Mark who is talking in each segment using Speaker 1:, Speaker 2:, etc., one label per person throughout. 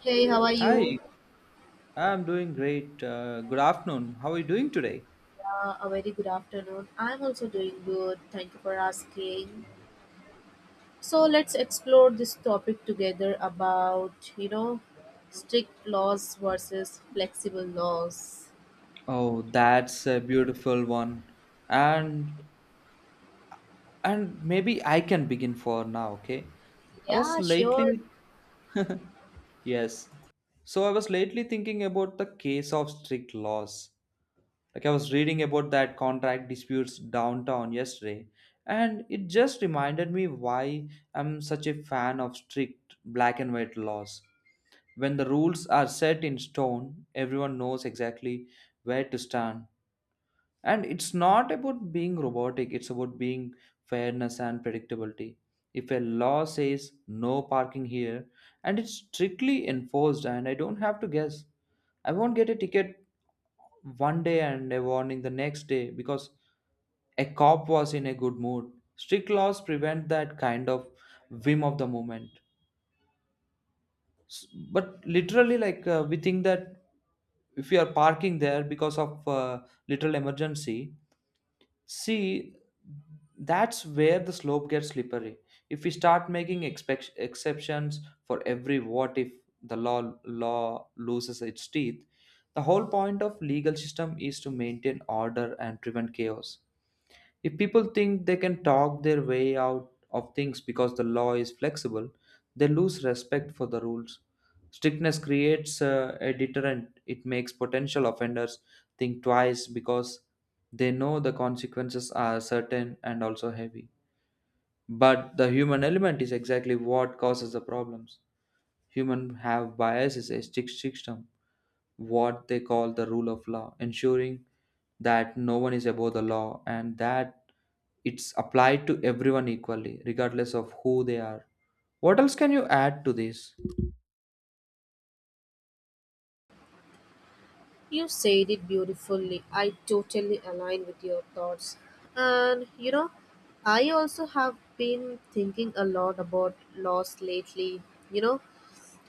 Speaker 1: Hey, how are
Speaker 2: Hi,
Speaker 1: you?
Speaker 2: I'm doing great. Good afternoon. How are you doing today?
Speaker 1: A very good afternoon. I'm also doing good. Thank you for asking. So let's explore this topic together about, you know, strict laws versus flexible laws.
Speaker 2: Oh, that's a beautiful one. And and maybe I can begin for now, okay? I was
Speaker 1: Yeah, sure.
Speaker 2: lately yes. So I was lately thinking about the case of strict laws. Like I was reading about that contract disputes downtown yesterday, and it just reminded me why I'm such a fan of strict black and white laws. When the rules are set in stone, everyone knows exactly where to stand. And it's not about being robotic, it's about being fairness and predictability. If a law says no parking here and it's strictly enforced and I don't have to guess, I won't get a ticket one day and a warning the next day because a cop was in a good mood. Strict laws prevent that kind of whim of the moment. S- but literally like we think that if you are parking there because of literal emergency, see, that's where the slope gets slippery if we start making exceptions for every what if. The law loses its teeth. The whole point of legal system is to maintain order and prevent chaos. If people think they can talk their way out of things because the law is flexible, they lose respect for the rules. Strictness creates a deterrent. It makes potential offenders think twice because they know the consequences are certain and also heavy. But the human element is exactly what causes the problems. Humans have biases, a strict system, what they call the rule of law, ensuring that no one is above the law and that it's applied to everyone equally, regardless of who they are. What else can you add to this?
Speaker 1: You said it beautifully. I totally align with your thoughts. And, you know, I also have been thinking a lot about laws lately. You know,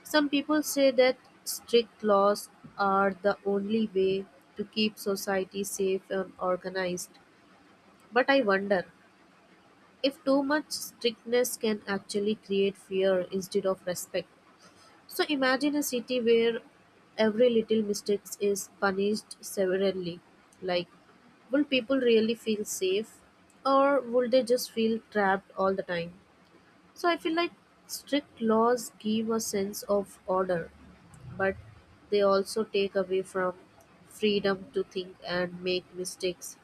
Speaker 1: some people say that strict laws are the only way to keep society safe and organized. But I wonder if too much strictness can actually create fear instead of respect. So imagine a city where every little mistake is punished severely. Like, will people really feel safe or will they just feel trapped all the time? So I feel like strict laws give a sense of order, but they also take away from freedom to think and make mistakes,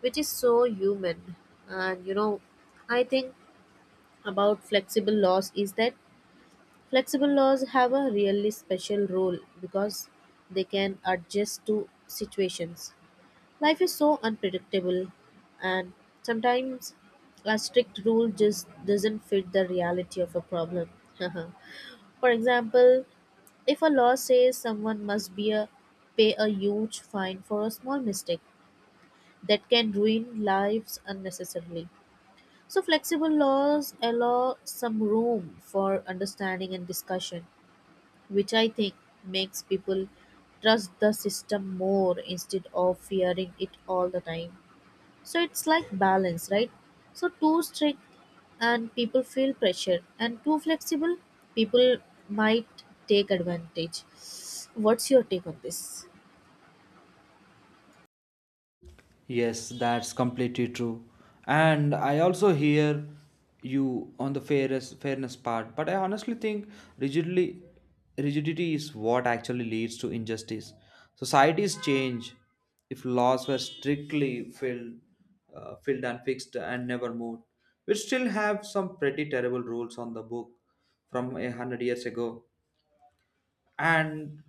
Speaker 1: which is so human. And you know, I think about flexible laws is that flexible laws have a really special role because they can adjust to situations. Life is so unpredictable, and sometimes a strict rule just doesn't fit the reality of a problem. For example, if a law says someone must be a pay a huge fine for a small mistake, that can ruin lives unnecessarily. So flexible laws allow some room for understanding and discussion, which I think makes people trust the system more instead of fearing it all the time. So it's like balance, right? So too strict and people feel pressure, and too flexible, people might take advantage. What's your take on this?
Speaker 2: Yes, that's completely true. And I also hear you on the fairness part, but I honestly think rigidly rigidity is what actually leads to injustice. Societies change. If laws were strictly filled, filled and fixed and never moved, we still have some pretty terrible rules on the book from 100 years ago. And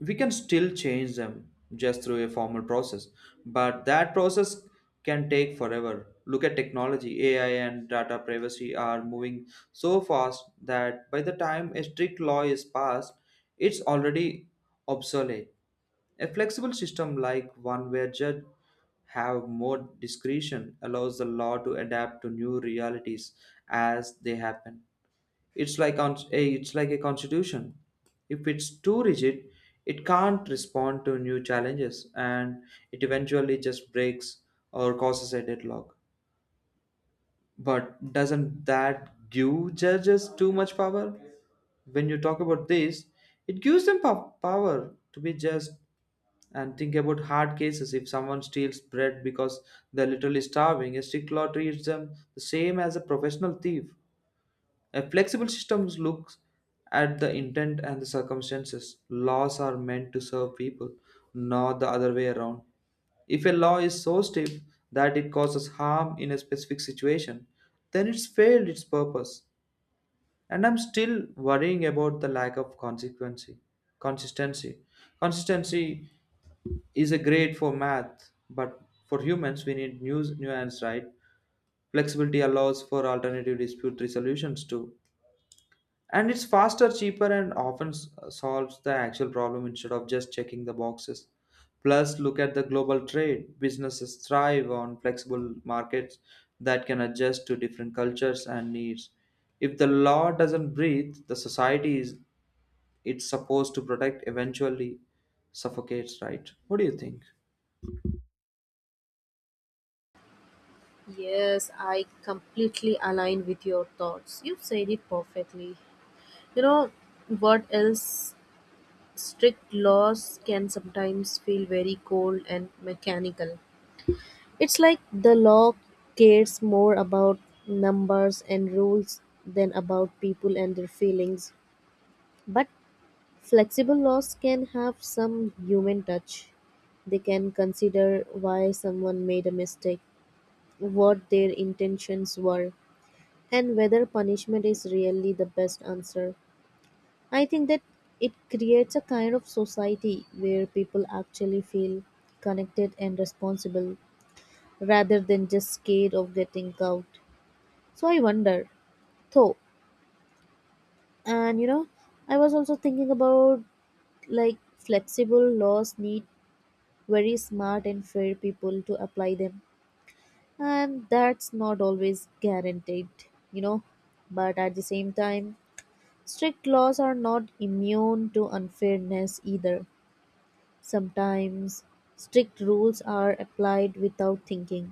Speaker 2: we can still change them just through a formal process, but that process can take forever. Look at technology, AI and data privacy are moving so fast that by the time a strict law is passed, it's already obsolete. A flexible system, like one where judges have more discretion, allows the law to adapt to new realities as they happen. It's like a constitution. If it's too rigid, it can't respond to new challenges and it eventually just breaks or causes a deadlock. But doesn't that give judges too much power? When you talk about this, it gives them power to be just. And think about hard cases. If someone steals bread because they're literally starving, a strict law treats them the same as a professional thief. A flexible system looks at the intent and the circumstances. Laws are meant to serve people, not the other way around. If a law is so stiff that it causes harm in a specific situation, then it's failed its purpose. And I'm still worrying about the lack of consequency. Consistency. Consistency is a grade for math, but for humans we need new nuance, right? Flexibility allows for alternative dispute resolutions too, and it's faster, cheaper, and often solves the actual problem instead of just checking the boxes. Plus, look at the global trade. Businesses thrive on flexible markets that can adjust to different cultures and needs. If the law doesn't breathe, the society is it's supposed to protect eventually suffocates, right? What do you think?
Speaker 1: Yes, I completely align with your thoughts. You said it perfectly. You know what else? Strict laws can sometimes feel very cold and mechanical. It's like the law cares more about numbers and rules than about people and their feelings. But flexible laws can have some human touch. They can consider why someone made a mistake, what their intentions were, and whether punishment is really the best answer. I think that it creates a kind of society where people actually feel connected and responsible rather than just scared of getting caught. So I wonder though, and you know, I was also thinking about like flexible laws need very smart and fair people to apply them, and that's not always guaranteed, you know, but at the same time strict laws are not immune to unfairness either. Sometimes strict rules are applied without thinking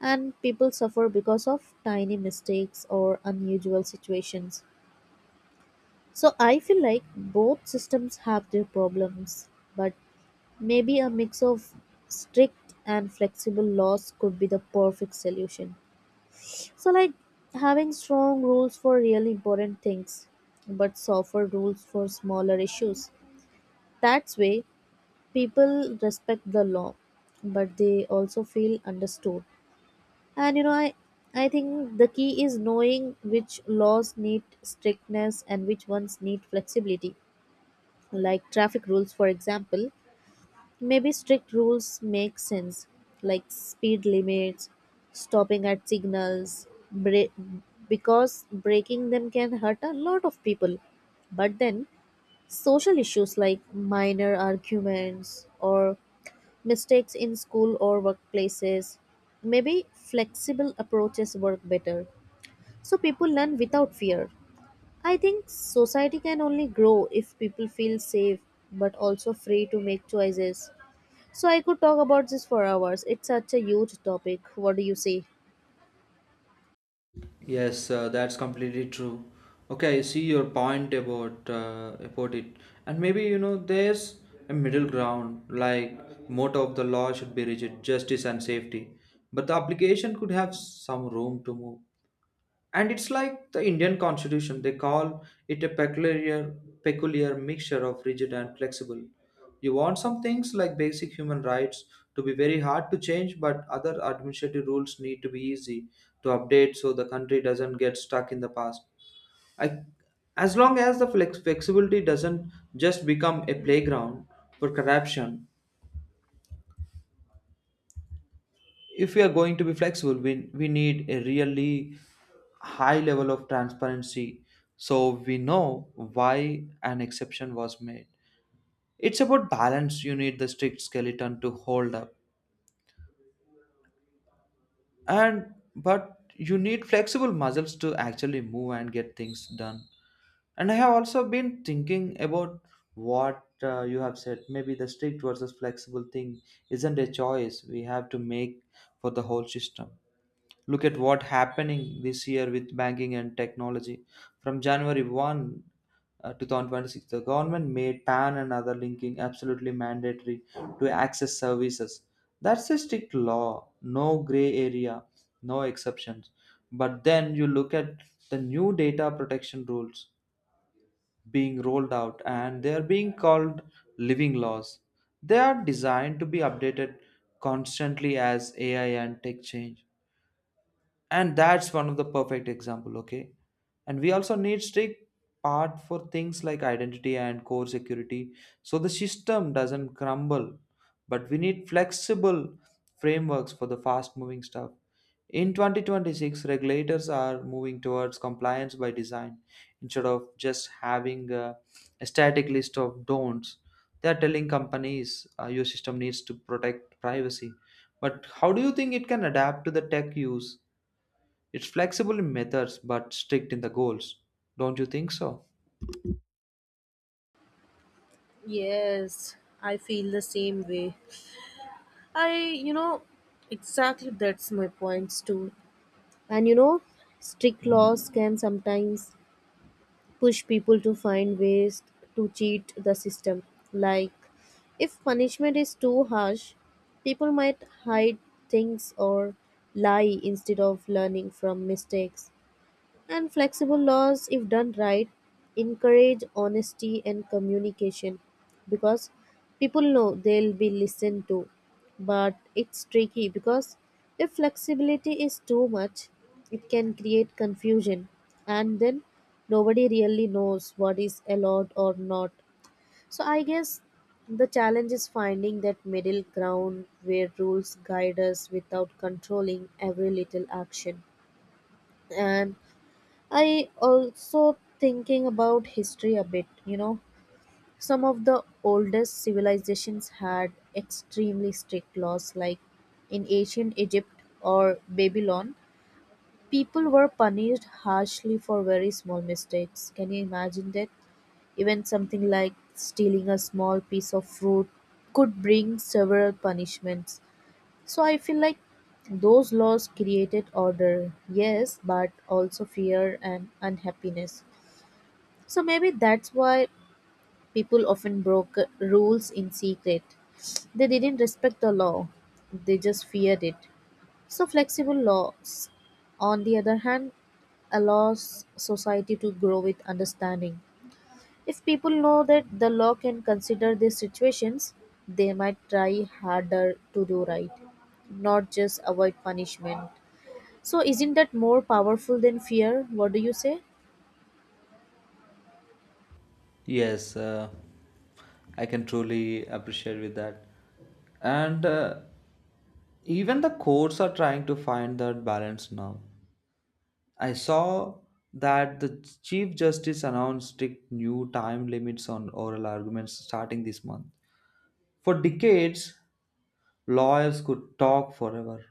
Speaker 1: and people suffer because of tiny mistakes or unusual situations. So I feel like both systems have their problems, but maybe a mix of strict and flexible laws could be the perfect solution. So, like having strong rules for really important things, but softer rules for smaller issues. That's way people respect the law, but they also feel understood. And you know, I think the key is knowing which laws need strictness and which ones need flexibility, like traffic rules for example. Maybe strict rules make sense, like speed limits, stopping at signals, because breaking them can hurt a lot of people. But then social issues like minor arguments or mistakes in school or workplaces, maybe flexible approaches work better so people learn without fear. I think society can only grow if people feel safe but also free to make choices. So I could talk about this for hours. It's such a huge topic. What do you say?
Speaker 2: Yes, that's completely true. Okay, I see your point about it, and maybe you know there's a middle ground. Like motto of the law should be rigid, justice and safety, but the application could have some room to move. And it's like the Indian constitution, they call it a peculiar mixture of rigid and flexible. You want some things like basic human rights to be very hard to change, but other administrative rules need to be easy to update so the country doesn't get stuck in the past. I, as long as the flexibility doesn't just become a playground for corruption. If we are going to be flexible, we need a really high level of transparency so we know why an exception was made. It's about balance. You need the strict skeleton to hold up, and but you need flexible muscles to actually move and get things done. And I have also been thinking about what you have said. Maybe the strict versus flexible thing isn't a choice we have to make for the whole system. Look at what happening this year with banking and technology. From January 1 2026, the government made PAN and other linking absolutely mandatory to access services. That's a strict law, no gray area, no exceptions. But then you look at the new data protection rules being rolled out and they are being called living laws. They are designed to be updated constantly as AI and tech change. And that's one of the perfect example. Okay, and we also need strict part for things like identity and core security so the system doesn't crumble, but we need flexible frameworks for the fast moving stuff. In 2026, regulators are moving towards compliance by design instead of just having a static list of don'ts. They are telling companies, your system needs to protect privacy, but how do you think it can adapt to the tech use. It's flexible in methods but strict in the goals. Don't you think so?
Speaker 1: Yes, I feel the same way. I, you know, exactly, that's my points too. And you know, strict laws can sometimes push people to find ways to cheat the system. Like, if punishment is too harsh, people might hide things or lie instead of learning from mistakes. And flexible laws, if done right, encourage honesty and communication because people know they'll be listened to. But it's tricky because if flexibility is too much, it can create confusion and then nobody really knows what is allowed or not. So I guess the challenge is finding that middle ground where rules guide us without controlling every little action. And I also thinking about history a bit, you know. Some of the oldest civilizations had extremely strict laws. Like in ancient Egypt or Babylon, people were punished harshly for very small mistakes. Can you imagine that? Even something like stealing a small piece of fruit could bring several punishments. So I feel like those laws created order, yes, but also fear and unhappiness. So maybe that's why people often broke rules in secret. They didn't respect the law, they just feared it. So, flexible laws, on the other hand, allows society to grow with understanding. If people know that the law can consider these situations, they might try harder to do right, not just avoid punishment. So, isn't that more powerful than fear? What do you say?
Speaker 2: Yes, I can truly appreciate with that. And even the courts are trying to find that balance now. I saw that the Chief Justice announced strict new time limits on oral arguments starting this month. For decades, lawyers could talk forever,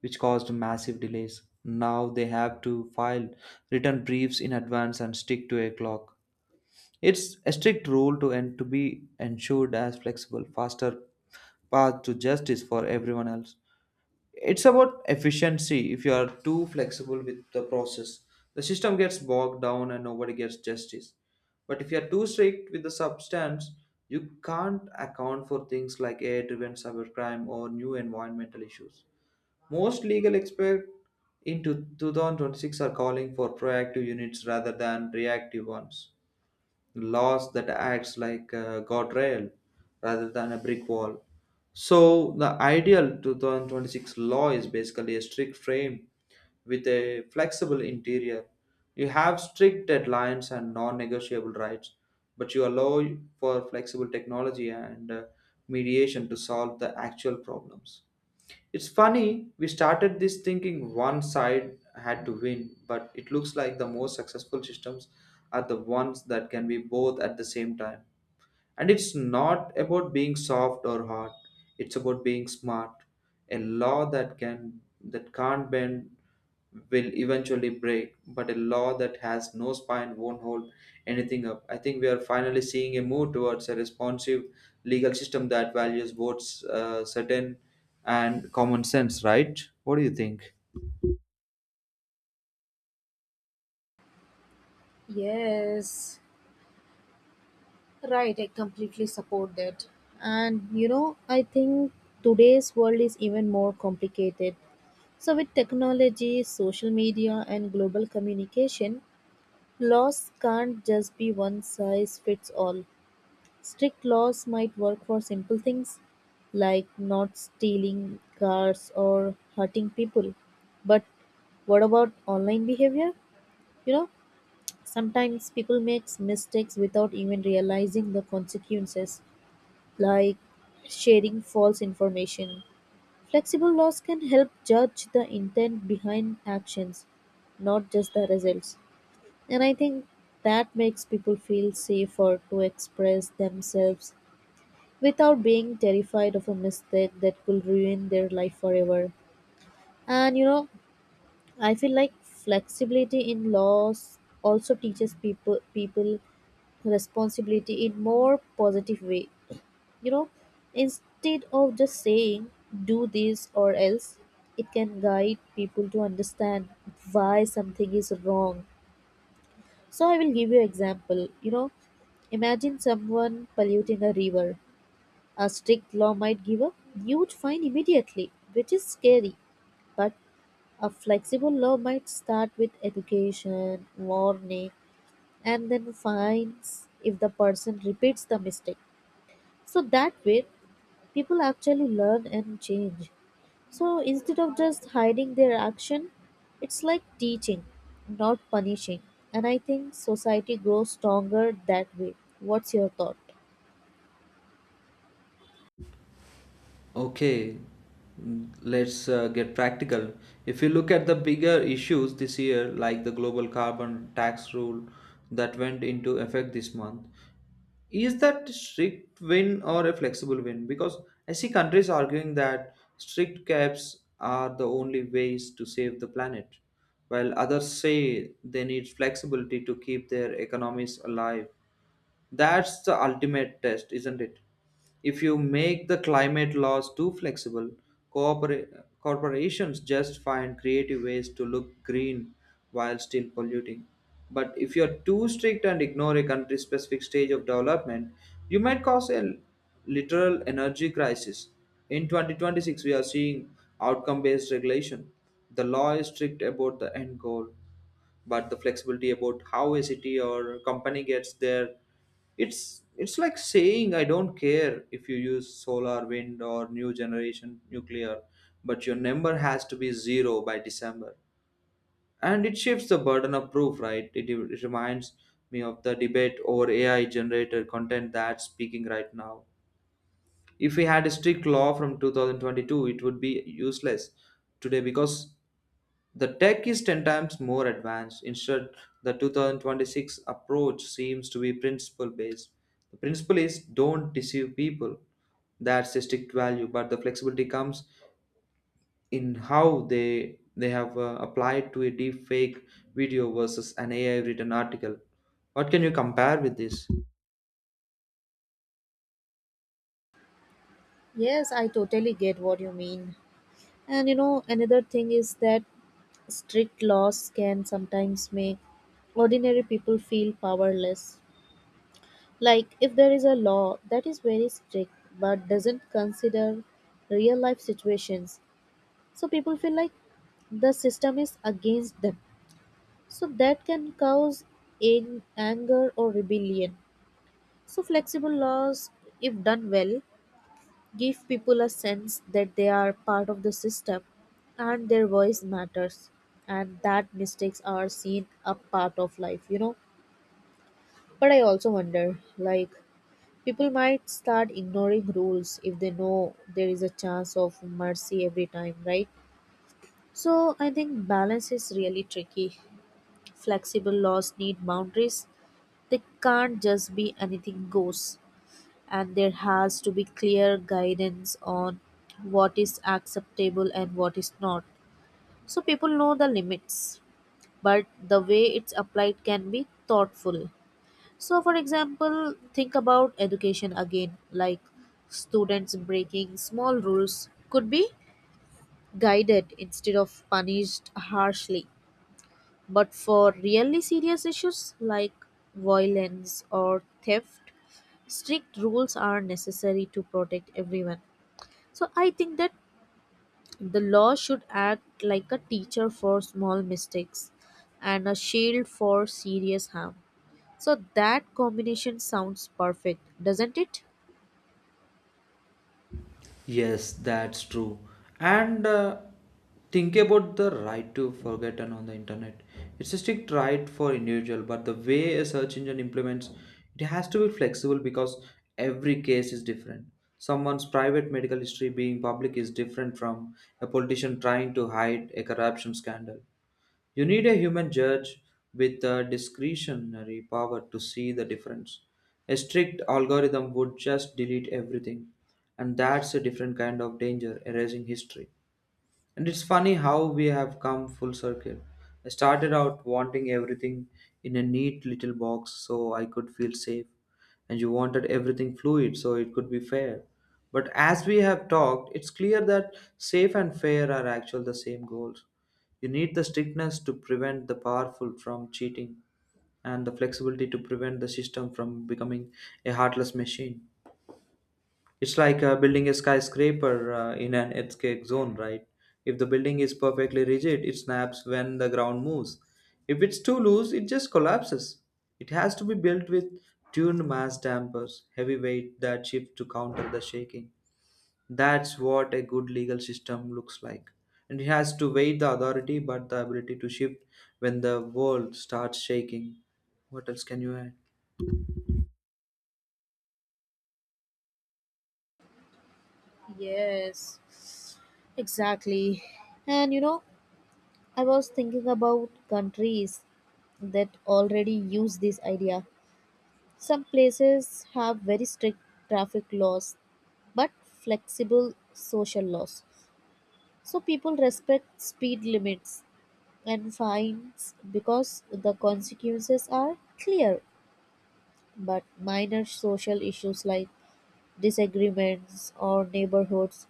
Speaker 2: which caused massive delays. Now they have to file written briefs in advance and stick to a clock. It's a strict rule to and to be ensured as flexible, faster path to justice for everyone else. It's about efficiency. If you are too flexible with the process, the system gets bogged down and nobody gets justice. But if you are too strict with the substance, you can't account for things like AI driven cybercrime or new environmental issues. Most legal experts in 2026 are calling for proactive units rather than reactive ones. Laws that acts like a guardrail rather than a brick wall. So the ideal 2026 law is basically a strict frame with a flexible interior. You have strict deadlines and non-negotiable rights, but you allow for flexible technology and mediation to solve the actual problems. It's funny, we started this thinking one side had to win, but it looks like the most successful systems are the ones that can be both at the same time. And it's not about being soft or hard. It's about being smart. A law that can't bend will eventually break, but a law that has no spine won't hold anything up. I think we are finally seeing a move towards a responsive legal system that values both certain and common sense, right? What do you think?
Speaker 1: Yes, right, I completely support that. And you know, I think today's world is even more complicated. So, with technology, social media, and global communication, laws can't just be one size fits all. Strict laws might work for simple things like not stealing cars or hurting people. But what about online behavior? You know, sometimes people make mistakes without even realizing the consequences, like sharing false information. Flexible laws can help judge the intent behind actions, not just the results. And I think that makes people feel safer to express themselves without being terrified of a mistake that could ruin their life forever. And you know, I feel like flexibility in laws also teaches people responsibility in more positive way, you know. Instead of just saying do this or else, it can guide people to understand why something is wrong. So I will give you example, you know, imagine someone polluting a river. A strict law might give a huge fine immediately, which is scary, but a flexible law might start with education, warning, and then fines if the person repeats the mistake. So that way, people actually learn and change. So instead of just hiding their action, it's like teaching, not punishing. And I think society grows stronger that way. What's your thought?
Speaker 2: Okay, let's get practical. If you look at the bigger issues this year, like the global carbon tax rule that went into effect this month, is that strict win or a flexible win? Because I see countries arguing that strict caps are the only ways to save the planet, while others say they need flexibility to keep their economies alive. That's the ultimate test, isn't it? If you make the climate laws too flexible, corpora- corporations just find creative ways to look green while still polluting. But if you're too strict and ignore a country's specific stage of development, you might cause a literal energy crisis. In 2026, we are seeing outcome based regulation. The law is strict about the end goal, but the flexibility about how a city or company gets there. It's like saying, I don't care if you use solar wind or new generation nuclear, but your number has to be zero by December. And it shifts the burden of proof, right? It reminds me of the debate over AI generated content that's speaking right now. If we had a strict law from 2022, it would be useless today because the tech is 10 times more advanced. Instead, the 2026 approach seems to be principle based. The principle is don't deceive people. That's a strict value, but the flexibility comes in how they have applied to a deep fake video versus an AI written article. What can you compare with this?
Speaker 1: Yes, I totally get what you mean. And you know, another thing is that strict laws can sometimes make ordinary people feel powerless. Like if there is a law that is very strict but doesn't consider real life situations, so people feel like the system is against them, so that can cause in anger or rebellion. So flexible laws, if done well, give people a sense that they are part of the system, and their voice matters, and that mistakes are seen a part of life, you know. But I also wonder, like, people might start ignoring rules if they know there is a chance of mercy every time, right? So I think balance is really tricky. Flexible laws need boundaries. They can't just be anything goes. And there has to be clear guidance on what is acceptable and what is not. So people know the limits, but the way it's applied can be thoughtful. So, for example, think about education again, like students breaking small rules could be guided instead of punished harshly. But for really serious issues like violence or theft, strict rules are necessary to protect everyone. So I think that the law should act like a teacher for small mistakes and a shield for serious harm. So that combination sounds perfect, doesn't it?
Speaker 2: Yes, that's true. And think about the right to forgotten on the internet. It's a strict right for individual, but the way a search engine implements it has to be flexible because every case is different. Someone's private medical history being public is different from a politician trying to hide a corruption scandal. You need a human judge with a discretionary power to see the difference. A strict algorithm would just delete everything, and that's a different kind of danger erasing history. And it's funny how we have come full circle. I started out wanting everything in a neat little box so I could feel safe, and you wanted everything fluid so it could be fair. But as we have talked, it's clear that safe and fair are actually the same goals. You need the strictness to prevent the powerful from cheating, and the flexibility to prevent the system from becoming a heartless machine. It's like building a skyscraper in an earthquake zone, right? If the building is perfectly rigid, it snaps when the ground moves. If it's too loose, it just collapses. It has to be built with tuned mass dampers, heavy weight that shift to counter the shaking. That's what a good legal system looks like. And it has to weigh the authority but the ability to shift when the world starts shaking. What else can you add?
Speaker 1: Yes, exactly. And you know, I was thinking about countries that already use this idea. Some places have very strict traffic laws but flexible social laws. So people respect speed limits and fines because the consequences are clear. But minor social issues like disagreements or neighborhoods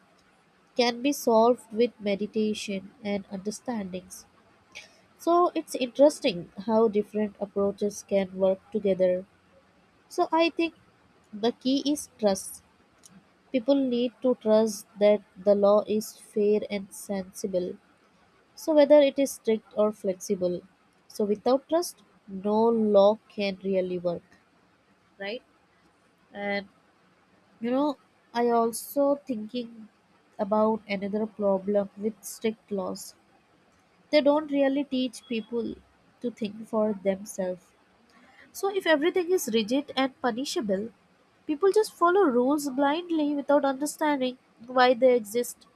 Speaker 1: can be solved with meditation and understandings. So it's interesting how different approaches can work together. So I think the key is trust. People need to trust that the law is fair and sensible, so whether it is strict or flexible. So, without trust, no law can really work, right? And you know, I also thinking about another problem with strict laws. They don't really teach people to think for themselves. So, if everything is rigid and punishable, people just follow rules blindly without understanding why they exist.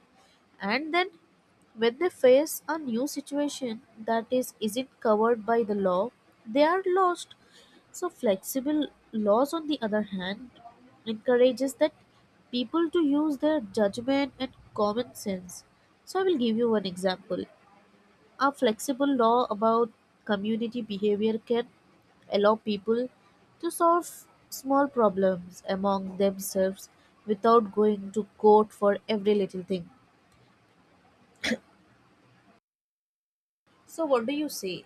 Speaker 1: And then when they face a new situation that is isn't covered by the law, they are lost. So flexible laws, on the other hand, encourages that people to use their judgment and common sense. So I will give you one example. A flexible law about community behavior can allow people to solve small problems among themselves without going to court for every little thing. So, what do you say?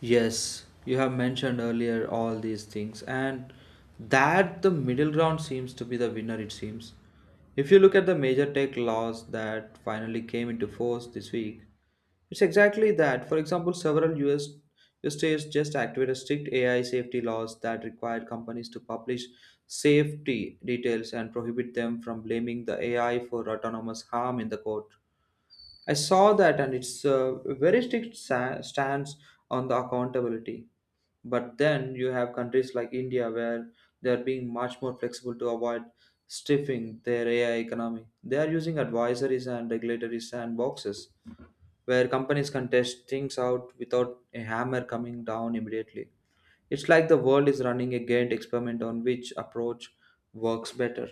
Speaker 2: Yes, you have mentioned earlier all these things, and that the middle ground seems to be the winner, it seems. If you look at the major tech laws that finally came into force this week, it's exactly that. For example, several US states just activated strict AI safety laws that require companies to publish safety details and prohibit them from blaming the AI for autonomous harm in the court. I saw that, and it's a very strict stance on the accountability. But then you have countries like India where they are being much more flexible to avoid stiffing their AI economy. They are using advisories and regulatory sandboxes where companies can test things out without a hammer coming down immediately. It's like the world is running a gained experiment on which approach works better.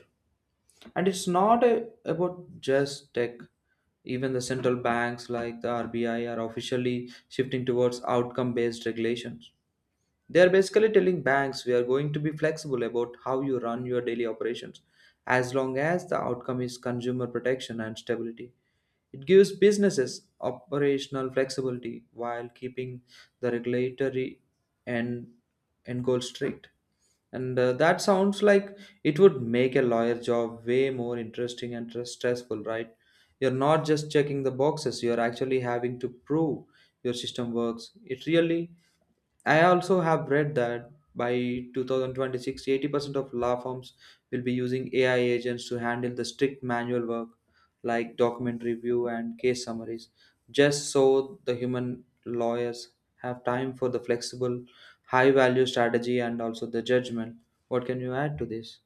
Speaker 2: And it's not a, About just tech. Even the central banks like the RBI are officially shifting towards outcome based regulations. They are basically telling banks we are going to be flexible about how you run your daily operations as long as the outcome is consumer protection and stability. It gives businesses operational flexibility while keeping the regulatory and end goal strict. And that sounds like it would make a lawyer job way more interesting and stressful, right? You're not just checking the boxes, you're actually having to prove your system works. It really I also have read that by 2026, 80% of law firms will be using AI agents to handle the strict manual work like document review and case summaries, just so the human lawyers have time for the flexible, high value strategy and also the judgment. What can you add to this?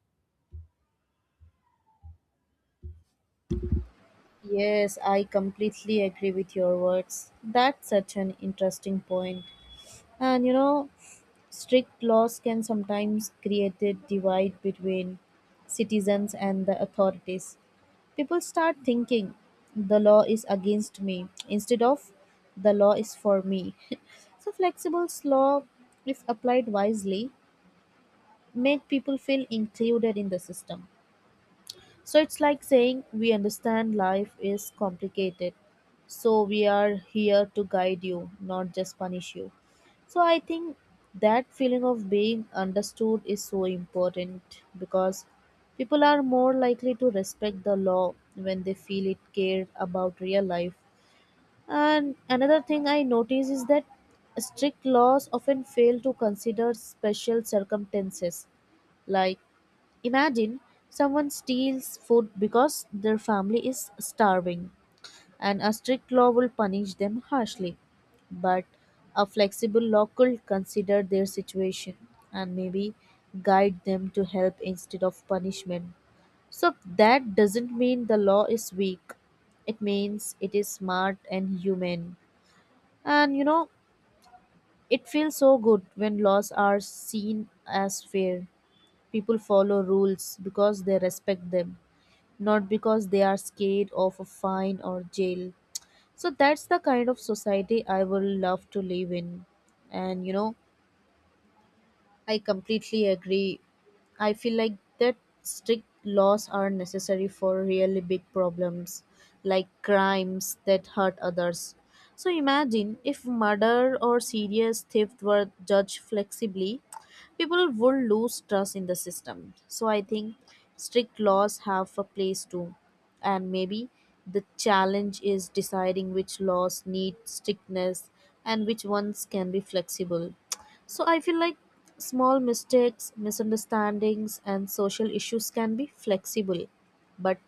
Speaker 1: Yes, I completely agree with your words. That's such an interesting point. And you know, strict laws can sometimes create a divide between citizens and the authorities. People start thinking the law is against me instead of the law is for me. So flexible law, if applied wisely, make people feel included in the system. So it's like saying we understand life is complicated. So we are here to guide you, not just punish you. So I think that feeling of being understood is so important because people are more likely to respect the law when they feel it cared about real life. And another thing I notice is that strict laws often fail to consider special circumstances, like imagine someone steals food because their family is starving, and a strict law will punish them harshly. But a flexible law could consider their situation and maybe guide them to help instead of punishment. So that doesn't mean the law is weak. It means it is smart and human. And you know, it feels so good when laws are seen as fair. People follow rules because they respect them, not because they are scared of a fine or jail. So that's the kind of society I would love to live in. And you know, I completely agree. I feel like that strict laws are necessary for really big problems like crimes that hurt others. So imagine if murder or serious theft were judged flexibly, people would lose trust in the system. So I think strict laws have a place too. And maybe the challenge is deciding which laws need strictness and which ones can be flexible. So I feel like small mistakes, misunderstandings, and social issues can be flexible, but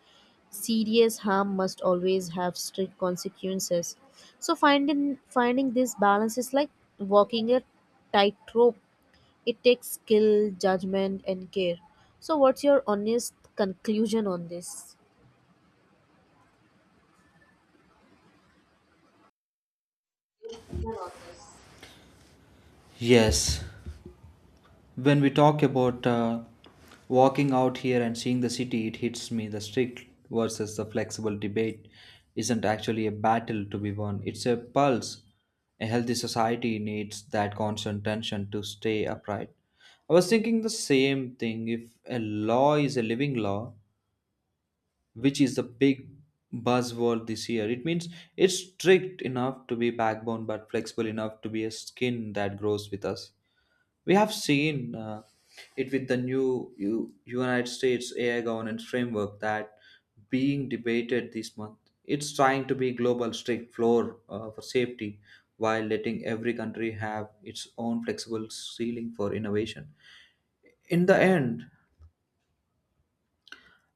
Speaker 1: serious harm must always have strict consequences. So finding this balance is like walking a tightrope. It takes skill, judgment, and care. So what's your honest conclusion on this?
Speaker 2: Yes, when we talk about walking out here and seeing the city, it hits me the strict versus the flexible debate isn't actually a battle to be won, it's a pulse. A healthy society needs that constant tension to stay upright. I was thinking the same thing. If a law is a living law, which is the big buzzword this year, it means it's strict enough to be backbone but flexible enough to be a skin that grows with us. We have seen it with the new United States AI governance framework that being debated this month. It's trying to be global strict floor for safety while letting every country have its own flexible ceiling for innovation. In the end,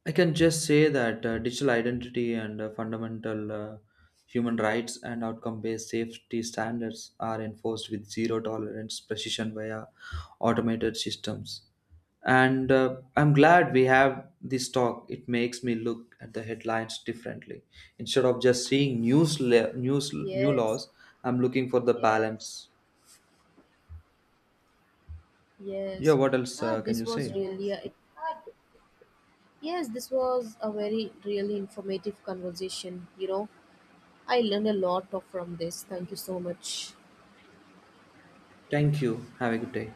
Speaker 2: I can just say that digital identity and fundamental human rights and outcome based safety standards are enforced with zero tolerance precision via automated systems. And I'm glad we have this talk. It makes me look at the headlines differently. Instead of just seeing news, news new
Speaker 1: Yes,
Speaker 2: laws, I'm looking for the balance. Yeah,
Speaker 1: yes.
Speaker 2: what else
Speaker 1: Ah,
Speaker 2: can
Speaker 1: this
Speaker 2: you
Speaker 1: was
Speaker 2: say?
Speaker 1: really a Yes, this was a very really informative conversation, you know. I learned a lot of from this. Thank you so much.
Speaker 2: Thank you. Have a good day.